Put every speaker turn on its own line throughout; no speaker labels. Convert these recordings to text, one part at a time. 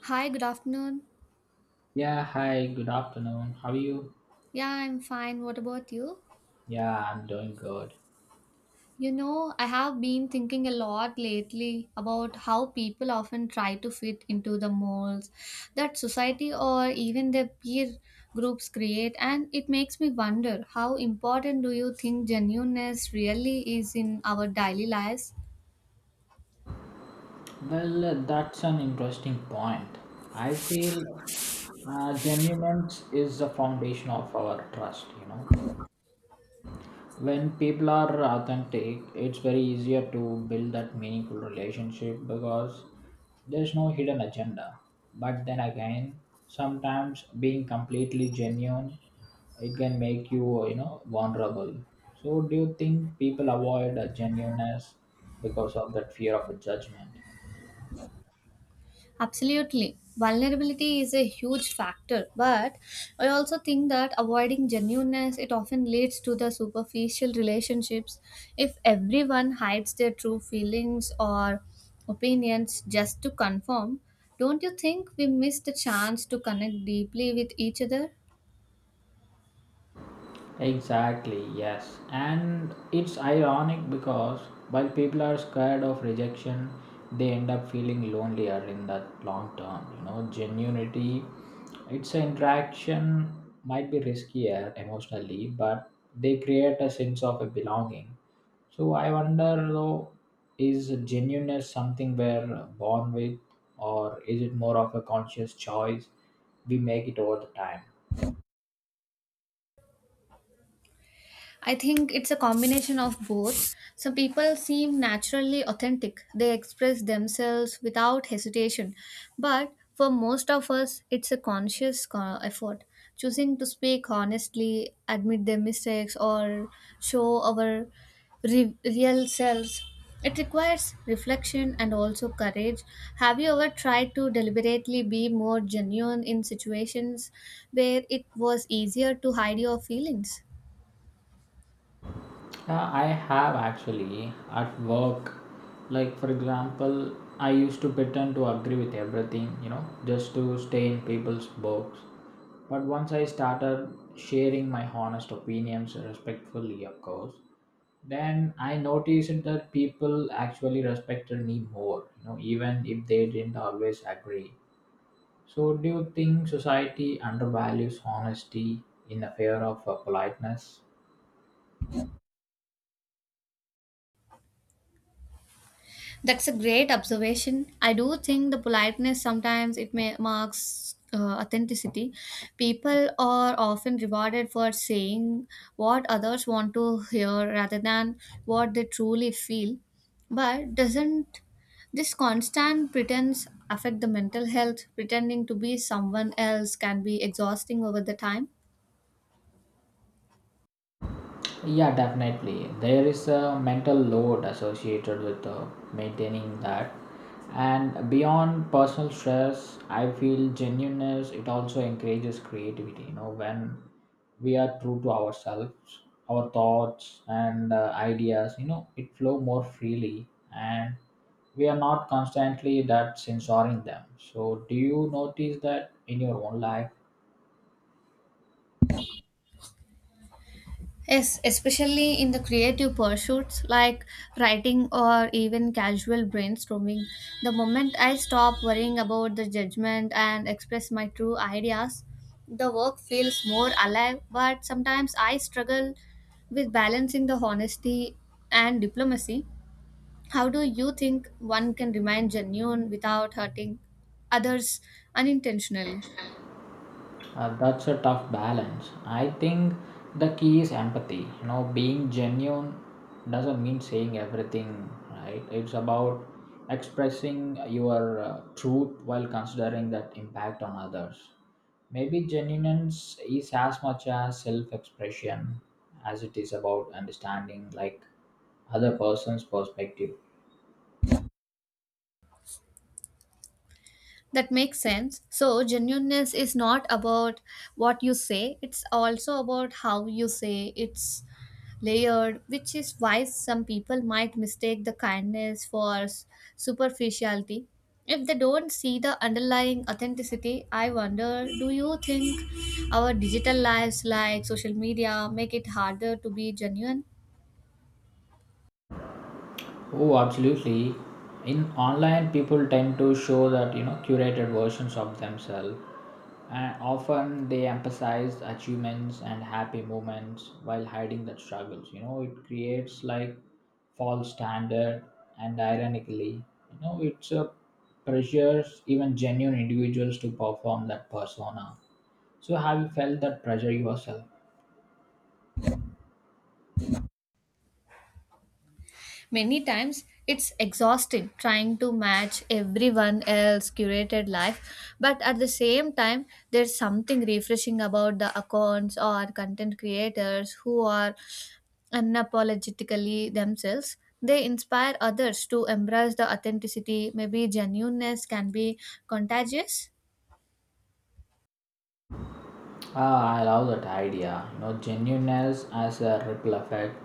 Hi, good afternoon.
Yeah, hi, good afternoon. How are you?
Yeah, I'm fine. What about you?
Yeah, I'm doing good.
You know, I have been thinking a lot lately about how people often try to fit into the molds that society or even their peer groups create, and it makes me wonder how important do you think genuineness really is in our daily lives?
Well, that's an interesting point. I feel genuineness is the foundation of our trust, you know. When people are authentic, it's very easier to build that meaningful relationship because there's no hidden agenda. But then again, sometimes being completely genuine, it can make you, you know vulnerable. So do you think people avoid a genuineness because of that fear of a judgment?
Absolutely. Vulnerability is a huge factor, but I also think that avoiding genuineness it often leads to the superficial relationships. If everyone hides their true feelings or opinions just to conform, don't you think we miss the chance to connect deeply with each other?
Exactly, yes. And it's ironic because while people are scared of rejection, they end up feeling lonelier in the long term. You know, genuinity, its interaction might be riskier emotionally, but they create a sense of a belonging. So I wonder though, is genuineness something we're born with, or is it more of a conscious choice we make it over the time?
I think it's a combination of both. Some people seem naturally authentic, they express themselves without hesitation. But for most of us, it's a conscious effort. Choosing to speak honestly, admit their mistakes, or show our real selves. It requires reflection and also courage. Have you ever tried to deliberately be more genuine in situations where it was easier to hide your feelings?
Yeah, I have actually at work. Like, for example, I used to pretend to agree with everything, you know, just to stay in people's books. But once I started sharing my honest opinions, respectfully, of course, then I noticed that people actually respected me more, you know, even if they didn't always agree. So, do you think society undervalues honesty in the fear of politeness?
That's a great observation. I do think the politeness sometimes it may marks authenticity. People are often rewarded for saying what others want to hear rather than what they truly feel. But doesn't this constant pretense affect the mental health? Pretending to be someone else can be exhausting over the time.
Yeah, definitely. There is a mental load associated with maintaining that. And beyond personal stress, I feel genuineness, it also encourages creativity. You know, when we are true to ourselves, our thoughts and ideas, you know, it flow more freely, and we are not constantly that censoring them. So, do you notice that in your own life?
Yes, especially in the creative pursuits like writing or even casual brainstorming. The moment I stop worrying about the judgment and express my true ideas, the work feels more alive. But sometimes I struggle with balancing the honesty and diplomacy. How do you think one can remain genuine without hurting others unintentionally?
That's a tough balance. I think the key is empathy. You know, being genuine doesn't mean saying everything, right? It's about expressing your truth while considering that impact on others. Maybe genuineness is as much as self expression as it is about understanding like other person's perspective.
That makes sense. So, genuineness is not about what you say, it's also about how you say it's layered, which is why some people might mistake the kindness for superficiality. If they don't see the underlying authenticity, I wonder do you think our digital lives like social media make it harder to be genuine?
Oh, absolutely. In online, people tend to show that, curated versions of themselves. And often they emphasize achievements and happy moments while hiding the struggles. You know, it creates like false standard, and ironically, you know, it's a pressures even genuine individuals to perform that persona. So have you felt that pressure yourself?
Many times it's exhausting trying to match everyone else's curated life, but at the same time, there's something refreshing about the accounts or content creators who are unapologetically themselves. They inspire others to embrace the authenticity. Maybe genuineness can be contagious.
Ah, I love that idea. You know, genuineness as a ripple effect.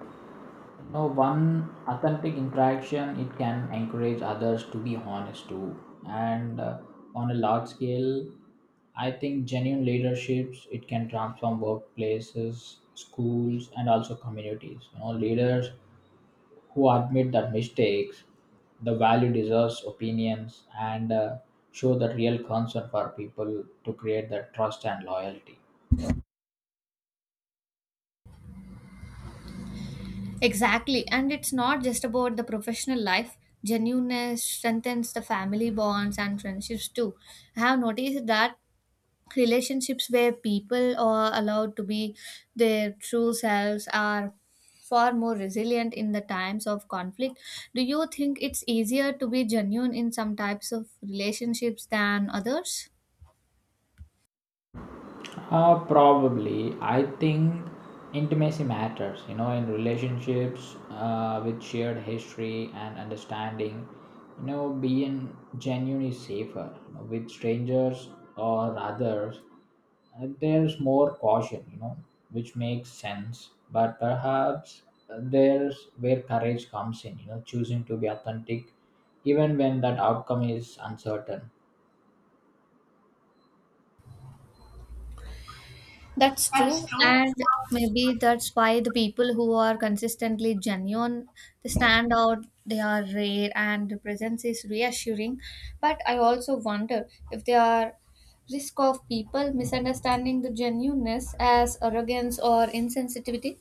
No one authentic interaction, it can encourage others to be honest too, and on a large scale, I think genuine leaderships, it can transform workplaces, schools, and also communities. You know, leaders who admit that mistakes, the value deserves opinions, and show the real concern for people to create that trust and loyalty.
Exactly. And it's not just about the professional life. Genuineness strengthens the family bonds and friendships too. I have noticed that relationships where people are allowed to be their true selves are far more resilient in the times of conflict. Do you think it's easier to be genuine in some types of relationships than others?
Probably. I think intimacy matters, you know, in relationships with shared history and understanding. You know, being genuine is safer. You know, with strangers or others, there's more caution, you know, which makes sense. But perhaps there's where courage comes in, you know, choosing to be authentic even when that outcome is uncertain.
That's
That's
true,
true.
and maybe that's why the people who are consistently genuine, they stand out, they are rare, and the presence is reassuring. But I also wonder if there are risk of people misunderstanding the genuineness as arrogance or insensitivity.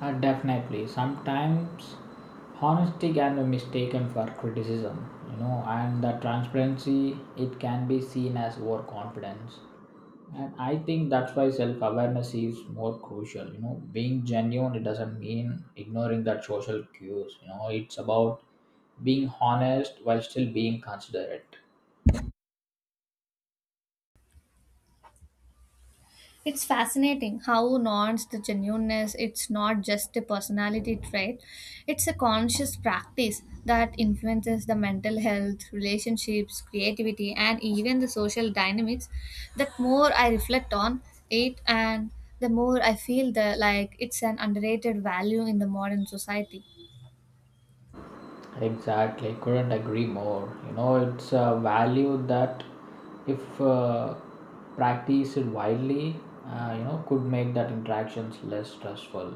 Definitely. Sometimes honesty can be mistaken for criticism, you know, and the transparency, it can be seen as overconfidence. And I think that's why self awareness is more crucial. You know, being genuine, it doesn't mean ignoring that social cues. You know, it's about being honest while still being considerate.
It's fascinating how nuanced the genuineness. It's not just a personality trait; it's a conscious practice that influences the mental health, relationships, creativity, and even the social dynamics. That more I reflect on it, and the more I feel that like it's an underrated value in the modern society.
Exactly, couldn't agree more. You know, it's a value that, if practiced widely, you know, could make that interactions less stressful,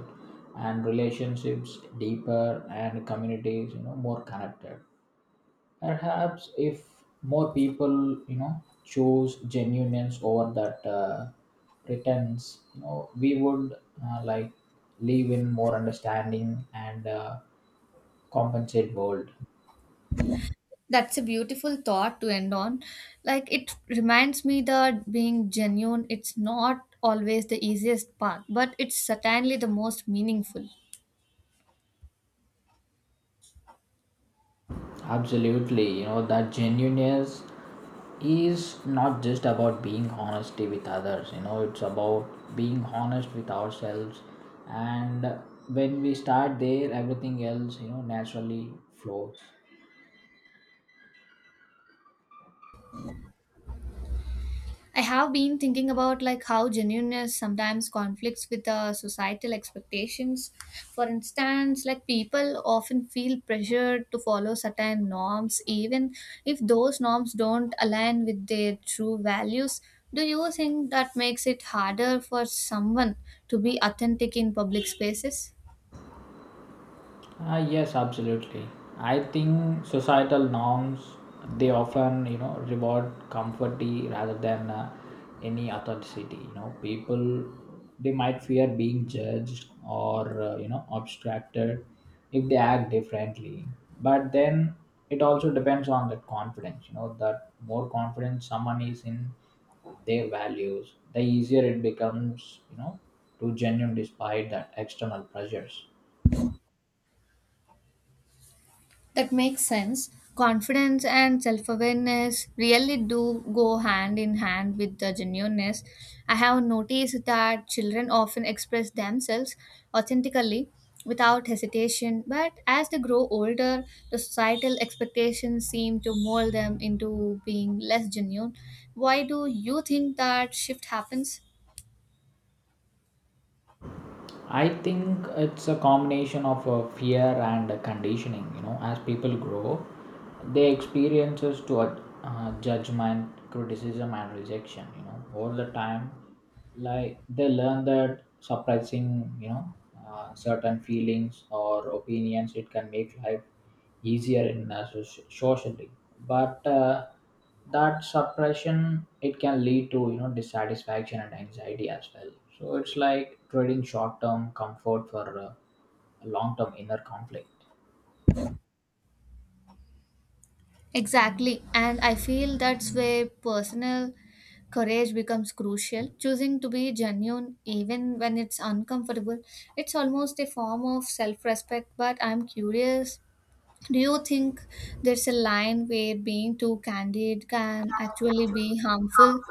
and relationships deeper, and communities, you know, more connected. Perhaps if more people, you know, chose genuineness over that pretense, you know, we would like live in more understanding and compensate world.
That's a beautiful thought to end on. Like it reminds me that being genuine it's not always the easiest path but it's certainly the most meaningful.
Absolutely, you know that genuineness is not just about being honesty with others. You know, it's about being honest with ourselves, and when we start there, everything else, naturally flows.
I have been thinking about like how genuineness sometimes conflicts with societal expectations. For instance, like people often feel pressured to follow certain norms even if those norms don't align with their true values. Do you think that makes it harder for someone to be authentic in public spaces?
Yes, absolutely. I think societal norms, they often, reward comforty rather than any authenticity. You know, people, they might fear being judged or, obstructed if they act differently. But then it also depends on that confidence. You know, that more confidence someone is in their values, the easier it becomes. You know, to genuine despite that external pressures.
That makes sense. Confidence and self awareness really do go hand in hand with the genuineness. I have noticed that children often express themselves authentically without hesitation, but as they grow older, the societal expectations seem to mold them into being less genuine. Why do you think that shift happens?
I think it's a combination of fear and conditioning. You know, as people grow, they experiences to judgment, criticism, and rejection. You know, all the time, like they learn that suppressing, you know, certain feelings or opinions, it can make life easier in socially, but that suppression, it can lead to, dissatisfaction and anxiety as well. So it's like trading short term comfort for long term inner conflict.
Exactly. And I feel that's where personal courage becomes crucial. Choosing to be genuine, even when it's uncomfortable, it's almost a form of self respect. But I'm curious, do you think there's a line where being too candid can actually be harmful?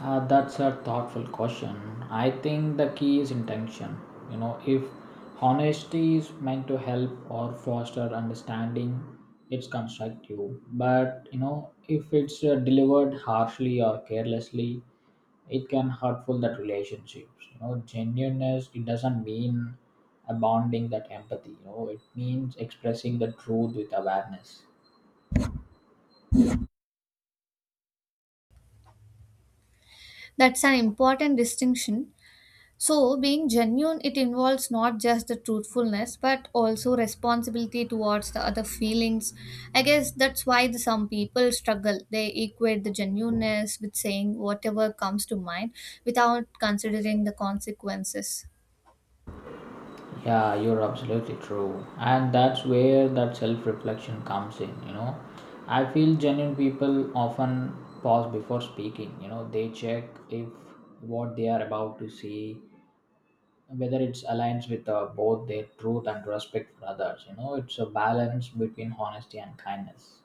That's a thoughtful question. I think the key is intention. You know, if honesty is meant to help or foster understanding, it's constructive. But, you know, if it's delivered harshly or carelessly, it can hurtful that relationships. You know, genuineness, it doesn't mean abounding that empathy. You know, it means expressing the truth with awareness.
That's an important distinction. So, being genuine, it involves not just the truthfulness but also responsibility towards the other feelings. I guess that's why the, some people struggle. They equate the genuineness with saying whatever comes to mind without considering the consequences.
Yeah, you're absolutely true. And that's where that self reflection comes in, you know. I feel genuine people often pause before speaking, you know, they check if what they are about to say whether it's aligns with both their truth and respect for others. You know, it's a balance between honesty and kindness.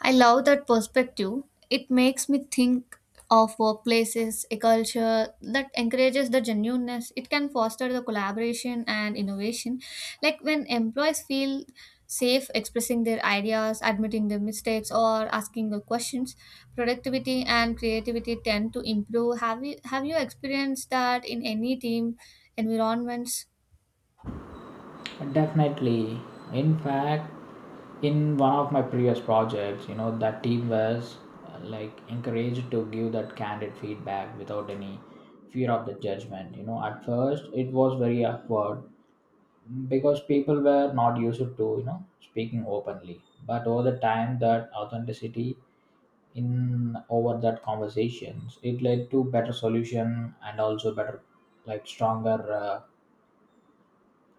I love that perspective. It makes me think of workplaces, a culture that encourages the genuineness. It can foster the collaboration and innovation. Like when employees feel safe expressing their ideas, admitting their mistakes, or asking the questions, productivity and creativity tend to improve. Have you experienced that in any team environments?
Definitely. In fact, in one of my previous projects, you know, that team was like encouraged to give that candid feedback without any fear of the judgment. You know, at first it was very awkward because people were not used to, you know, speaking openly. But over the time, that authenticity in over that conversations, it led to better solution and also better, like stronger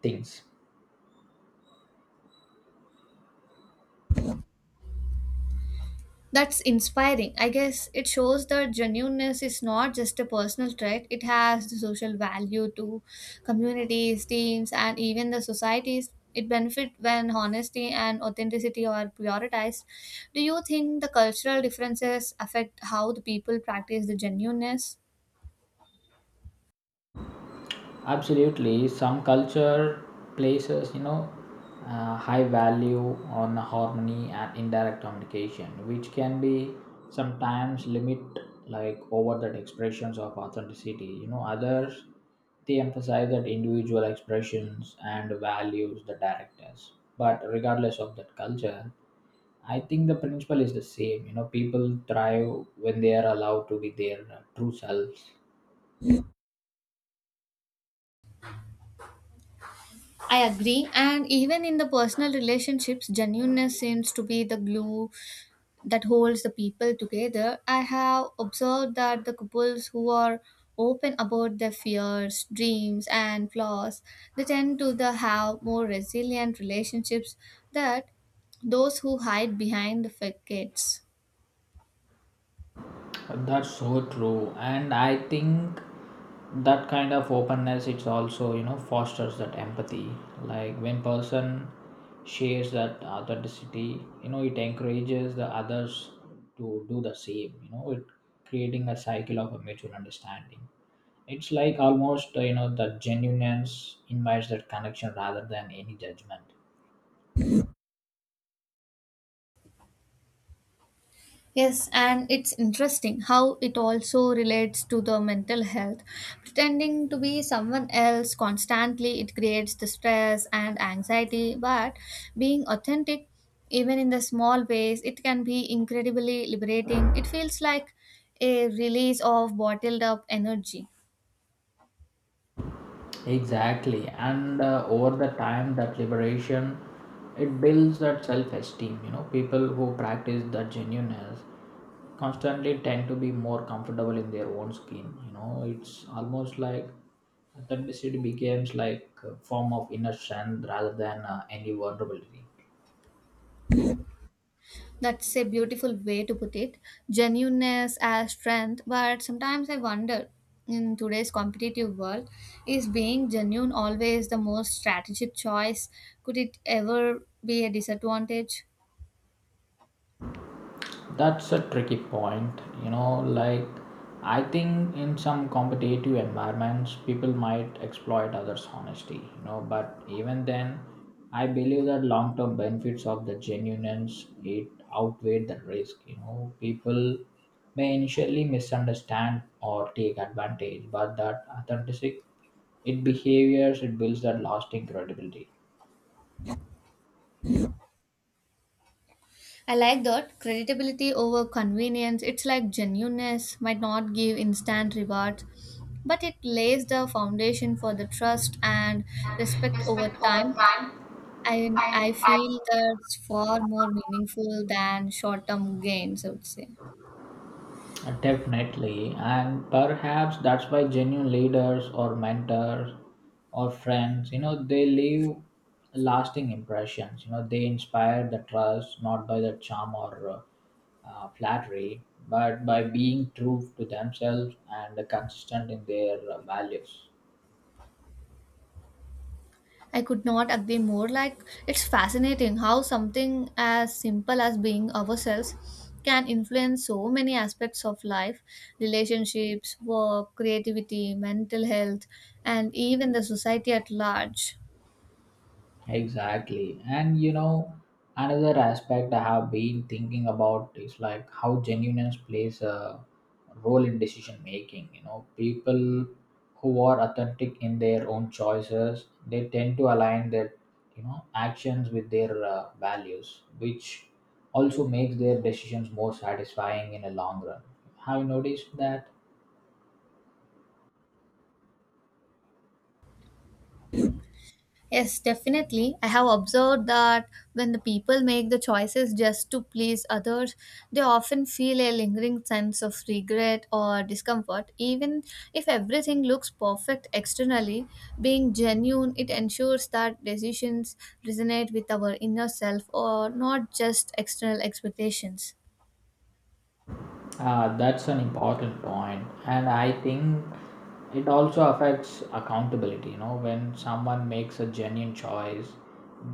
things.
That's inspiring. I guess it shows that genuineness is not just a personal trait, it has the social value to communities, teams, and even the societies. It benefits when honesty and authenticity are prioritized. Do you think the cultural differences affect how the people practice the genuineness?
Absolutely, some culture places, you know, high value on harmony and indirect communication, which can be sometimes limit like over that expressions of authenticity. You know, others, they emphasize that individual expressions and values the directors. But regardless of that culture, I think the principle is the same. You know, people thrive when they are allowed to be their true selves.
I agree. And even in the personal relationships, genuineness seems to be the glue that holds the people together. I have observed that the couples who are open about their fears, dreams, and flaws, they tend to the have more resilient relationships than those who hide behind the facades.
That's so true, and I think that kind of openness, it's also, fosters that empathy. Like when person shares that authenticity, you know, it encourages the others to do the same. You know, it creating a cycle of a mutual understanding. It's like almost, the genuineness invites that connection rather than any judgment.
Yes, and it's interesting how it also relates to the mental health. Pretending to be someone else constantly, it creates the stress and anxiety, but being authentic, even in the small ways, it can be incredibly liberating. It feels like a release of bottled up energy.
Exactly, and over the time, that liberation, it builds that self-esteem. You know, people who practice that genuineness constantly tend to be more comfortable in their own skin. You know, it's almost like authenticity becomes like a form of inner strength rather than any vulnerability.
That's a beautiful way to put it. Genuineness as strength, but sometimes I wonder in today's competitive world, is being genuine always the most strategic choice? Could it ever be a disadvantage?
That's a tricky point. You know, like I think in some competitive environments, people might exploit others' honesty, you know, but even then, I believe that long term benefits of the genuineness, it outweigh the risk. You know, people may initially misunderstand or take advantage, but that authenticity, it behaviors, it builds that lasting credibility.
I like that creditability over convenience. It's like genuineness might not give instant rewards, but it lays the foundation for the trust and respect over
Respect over
time.
time.
I
And I
feel that's far more meaningful than short-term gains, I would say.
definitely, and perhaps that's why genuine leaders or mentors or friends, you know, they leave lasting impressions. You know, they inspire the trust not by the charm or flattery, but by being true to themselves and consistent in their values.
I could not agree more. Like it's fascinating how something as simple as being ourselves can influence so many aspects of life, relationships, work, creativity, mental health, and even the society at large.
Exactly. And you know, another aspect I have been thinking about is like how genuineness plays a role in decision making. You know, people who are authentic in their own choices, they tend to align their, you know, actions with their values, which also makes their decisions more satisfying in a long run. Have you noticed that?
Yes, definitely. I have observed that when the people make the choices just to please others, they often feel a lingering sense of regret or discomfort. Even if everything looks perfect externally, being genuine, it ensures that decisions resonate with our inner self or not just external expectations.
Ah, that's an important point, and I think it also affects accountability. You know, when someone makes a genuine choice,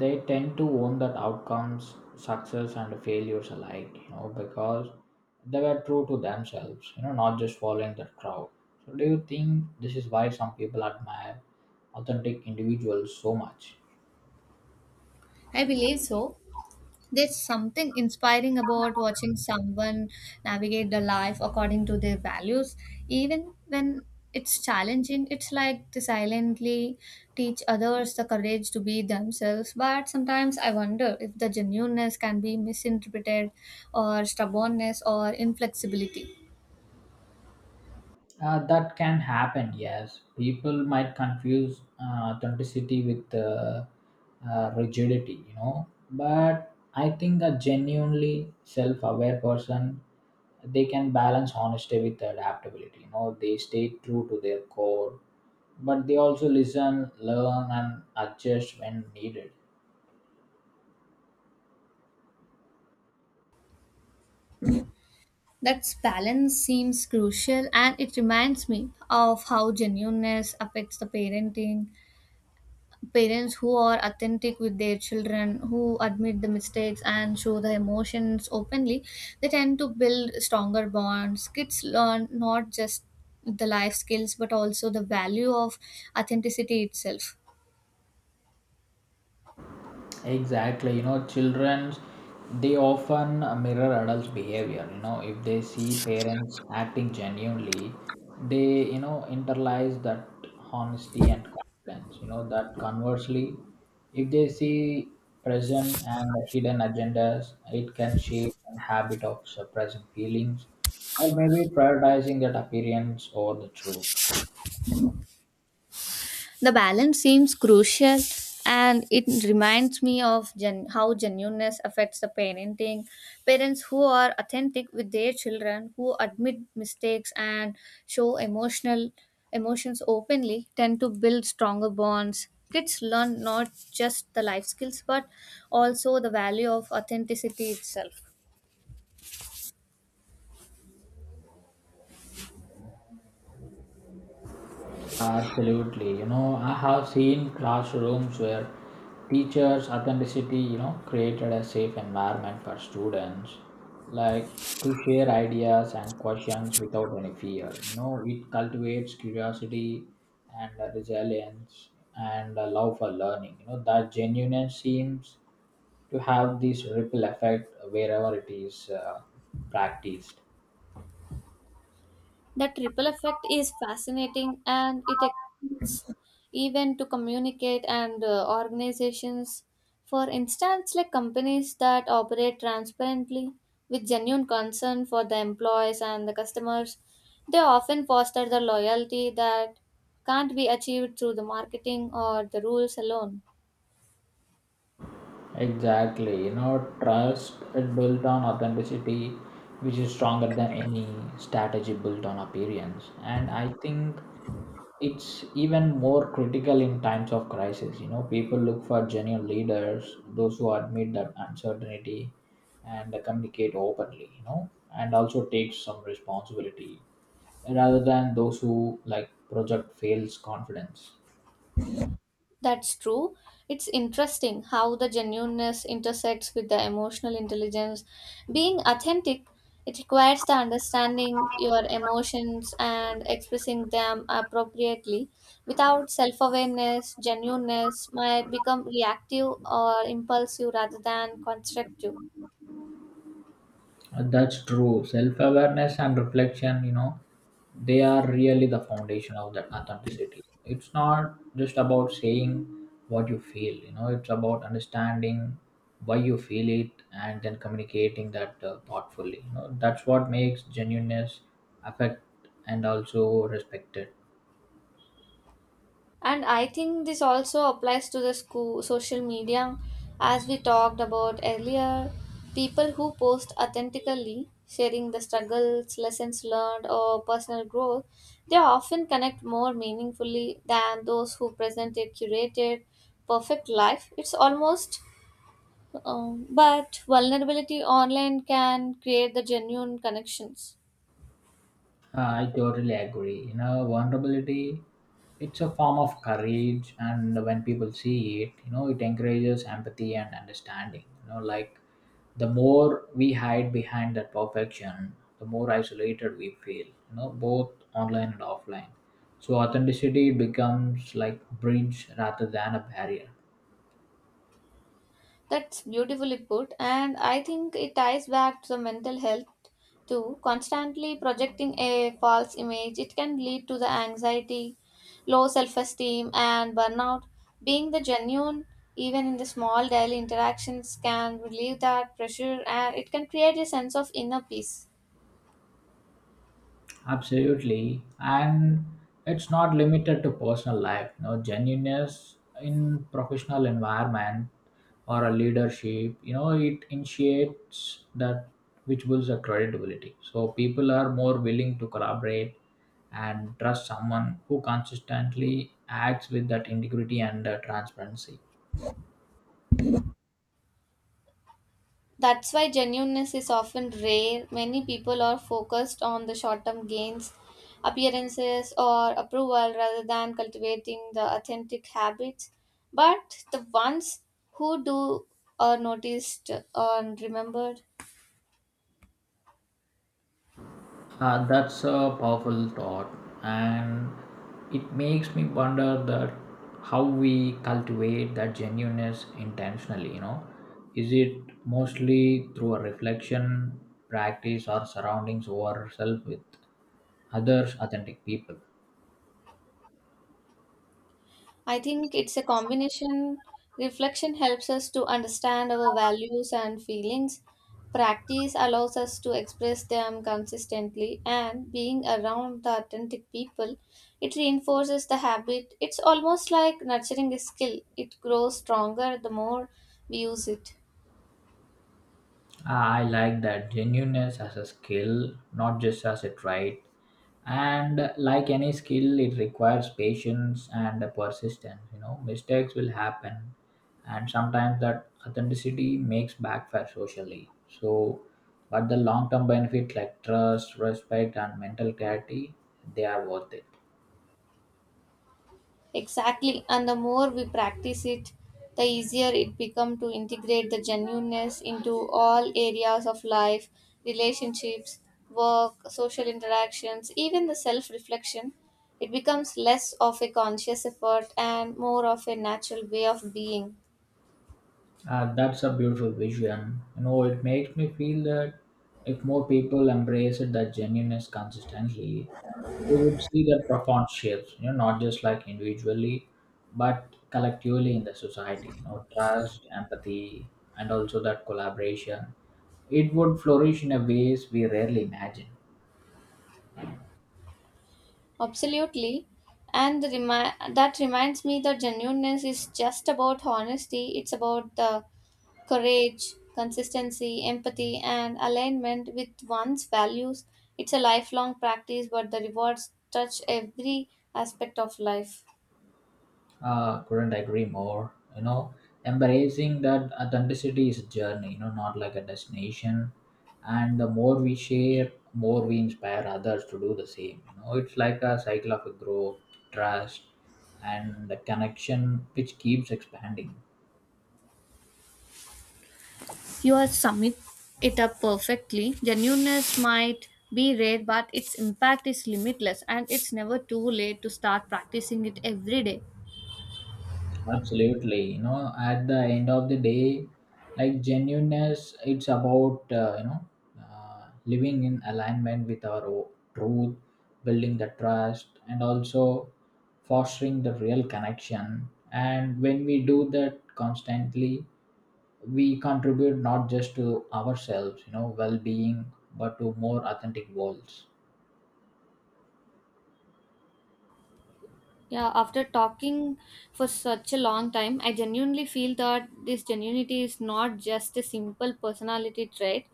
they tend to own that outcomes, success, and failures alike. You know, because they were true to themselves. You know, not just following the crowd. So, do you think this is why some people admire authentic individuals so much?
I believe so. There's something inspiring about watching someone navigate their life according to their values. Even when it's challenging, it's like they silently teach others the courage to be themselves. But sometimes I wonder if the genuineness can be misinterpreted, or stubbornness, or inflexibility.
That can happen, yes. People might confuse authenticity with rigidity, you know. But I think a genuinely self-aware person, they can balance honesty with adaptability. You know, they stay true to their core, but they also listen, learn, and adjust when needed.
That balance seems crucial and it reminds me of how genuineness affects the parenting. Parents who are authentic with their children, who admit the mistakes and show the emotions openly, they tend to build stronger bonds. Kids learn not just the life skills but also the value of authenticity itself.
Exactly, you know, children, they often mirror adults' behavior. You know, if they see parents acting genuinely, they, internalize that honesty and confidence. You know that conversely, if they see present and hidden agendas, it can shape a habit of suppressing feelings or maybe prioritizing that appearance over the truth.
The balance seems crucial and it reminds me of how genuineness affects the parenting. Parents who are authentic with their children, who admit mistakes and show emotional emotions openly tend to build stronger bonds. Kids learn not just the life skills but also the value of authenticity itself.
Absolutely. You know, I have seen classrooms where teachers' authenticity, you know, created a safe environment for students, like to share ideas and questions without any fear. You know, it cultivates curiosity and resilience and a love for learning. You know, that genuineness seems to have this ripple effect wherever it is practiced.
The triple effect is fascinating and it extends even to communicate and organizations. For instance, like companies that operate transparently with genuine concern for the employees and the customers, they often foster the loyalty that can't be achieved through the marketing or the rules alone.
Exactly. You know, trust, it built on authenticity, which is stronger than any strategy built on appearance. And I think it's even more critical in times of crisis. You know, people look for genuine leaders, those who admit that uncertainty and communicate openly, you know, and also take some responsibility rather than those who like project fails confidence.
That's true. It's interesting how the genuineness intersects with the emotional intelligence. Being authentic, it requires the understanding your emotions and expressing them appropriately. Without self awareness, genuineness might become reactive or impulsive rather than constructive.
That's true. Self awareness and reflection, you know, they are really the foundation of that authenticity. It's not just about saying what you feel, you know, it's about understanding why you feel it and then communicating that thoughtfully. You know, that's what makes genuineness affect and also respected.
And I think this also applies to the school social media as we talked about earlier. People who post authentically, sharing the struggles, lessons learned, or personal growth, they often connect more meaningfully than those who present a curated, perfect life. It's almost, but vulnerability online can create the genuine connections.
I totally agree. You know, vulnerability, it's a form of courage, and when people see it, you know, it encourages empathy and understanding. You know, like the more we hide behind that perfection, the more isolated we feel. You know, both online and offline. So authenticity becomes like bridge rather than a barrier.
That's beautifully put, and I think it ties back to the mental health too. Constantly projecting a false image, it can lead to the anxiety, low self esteem, and burnout. Being the genuine, even in the small daily interactions, can relieve that pressure and it can create a sense of inner peace.
Absolutely. And it's not limited to personal life. You know, genuineness in professional environment or a leadership, you know, it initiates that which builds a credibility. So people are more willing to collaborate and trust someone who consistently acts with that integrity and transparency.
That's why genuineness is often rare. Many people are focused on the short term gains, appearances, or approval rather than cultivating the authentic habits. But the ones who do are noticed and remembered.
That's a powerful thought, and it makes me wonder that how we cultivate that genuineness intentionally. You know, is it mostly through a reflection, practice, or surroundings ourselves with others, authentic people?
I think it's a combination. Reflection helps us to understand our values and feelings. Practice allows us to express them consistently, and being around the authentic people, it reinforces the habit. It's almost like nurturing a skill, it grows stronger the more we use it.
I like that genuineness as a skill, not just as a trait. And like any skill, it requires patience and persistence. You know, mistakes will happen, and sometimes that authenticity makes backfire socially, so but the long term benefit like trust, respect, and mental clarity, they are worth it.
Exactly, and the more we practice it, the easier it becomes to integrate the genuineness into all areas of life, relationships, work, social interactions, even the self reflection. It becomes less of a conscious effort and more of a natural way of being.
That's a beautiful vision. You know, it makes me feel that if more people embrace it that genuineness consistently, we would see their profound shifts, you know, not just like individually, but collectively in the society, you know, trust, empathy, and also that collaboration. It would flourish in a ways we rarely imagine.
Absolutely. And the that reminds me that genuineness is just about honesty, it's about the courage, consistency, empathy, and alignment with one's values. It's a lifelong practice, but the rewards touch every aspect of life.
Couldn't agree more, you know. Embracing that authenticity is a journey, you know, not like a destination. And the more we share, more we inspire others to do the same. You know, it's like a cycle of a growth, trust, and the connection which keeps expanding.
You are summing it up perfectly. Genuineness might be rare, but its impact is limitless, and it's never too late to start practicing it every day.
Absolutely. You know, at the end of the day, like genuineness, it's about, living in alignment with our truth, building the trust, and also fostering the real connection. And when we do that constantly, we contribute not just to ourselves, you know, well being, but to more authentic worlds.
Yeah, after talking for such a long time, I genuinely feel that this genuinity is not just a simple personality trait,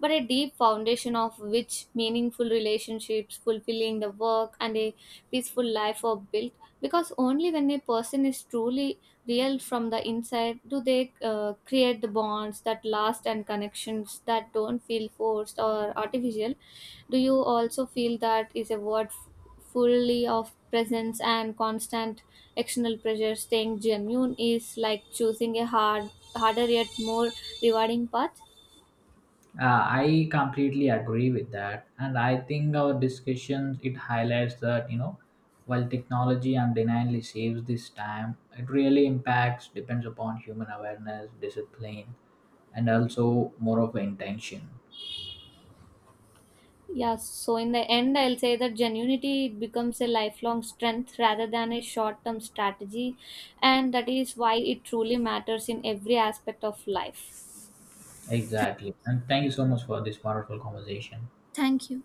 but a deep foundation of which meaningful relationships, fulfilling the work, and a peaceful life are built. Because only when a person is truly real from the inside do they create the bonds that last and connections that don't feel forced or artificial. Do you also feel that is a word fully of presence and constant external pressure staying genuine is like choosing a harder yet more rewarding path?
I completely agree with that, and I think our discussions it highlights that, you know, while technology undeniably saves this time, it really impacts depends upon human awareness, discipline, and also more of intention.
Yeah, so in the end I'll say that genuinity it becomes a lifelong strength rather than a short-term strategy and that is why it truly matters in every aspect of life.
Exactly, and thank you so much for this wonderful conversation.
Thank you.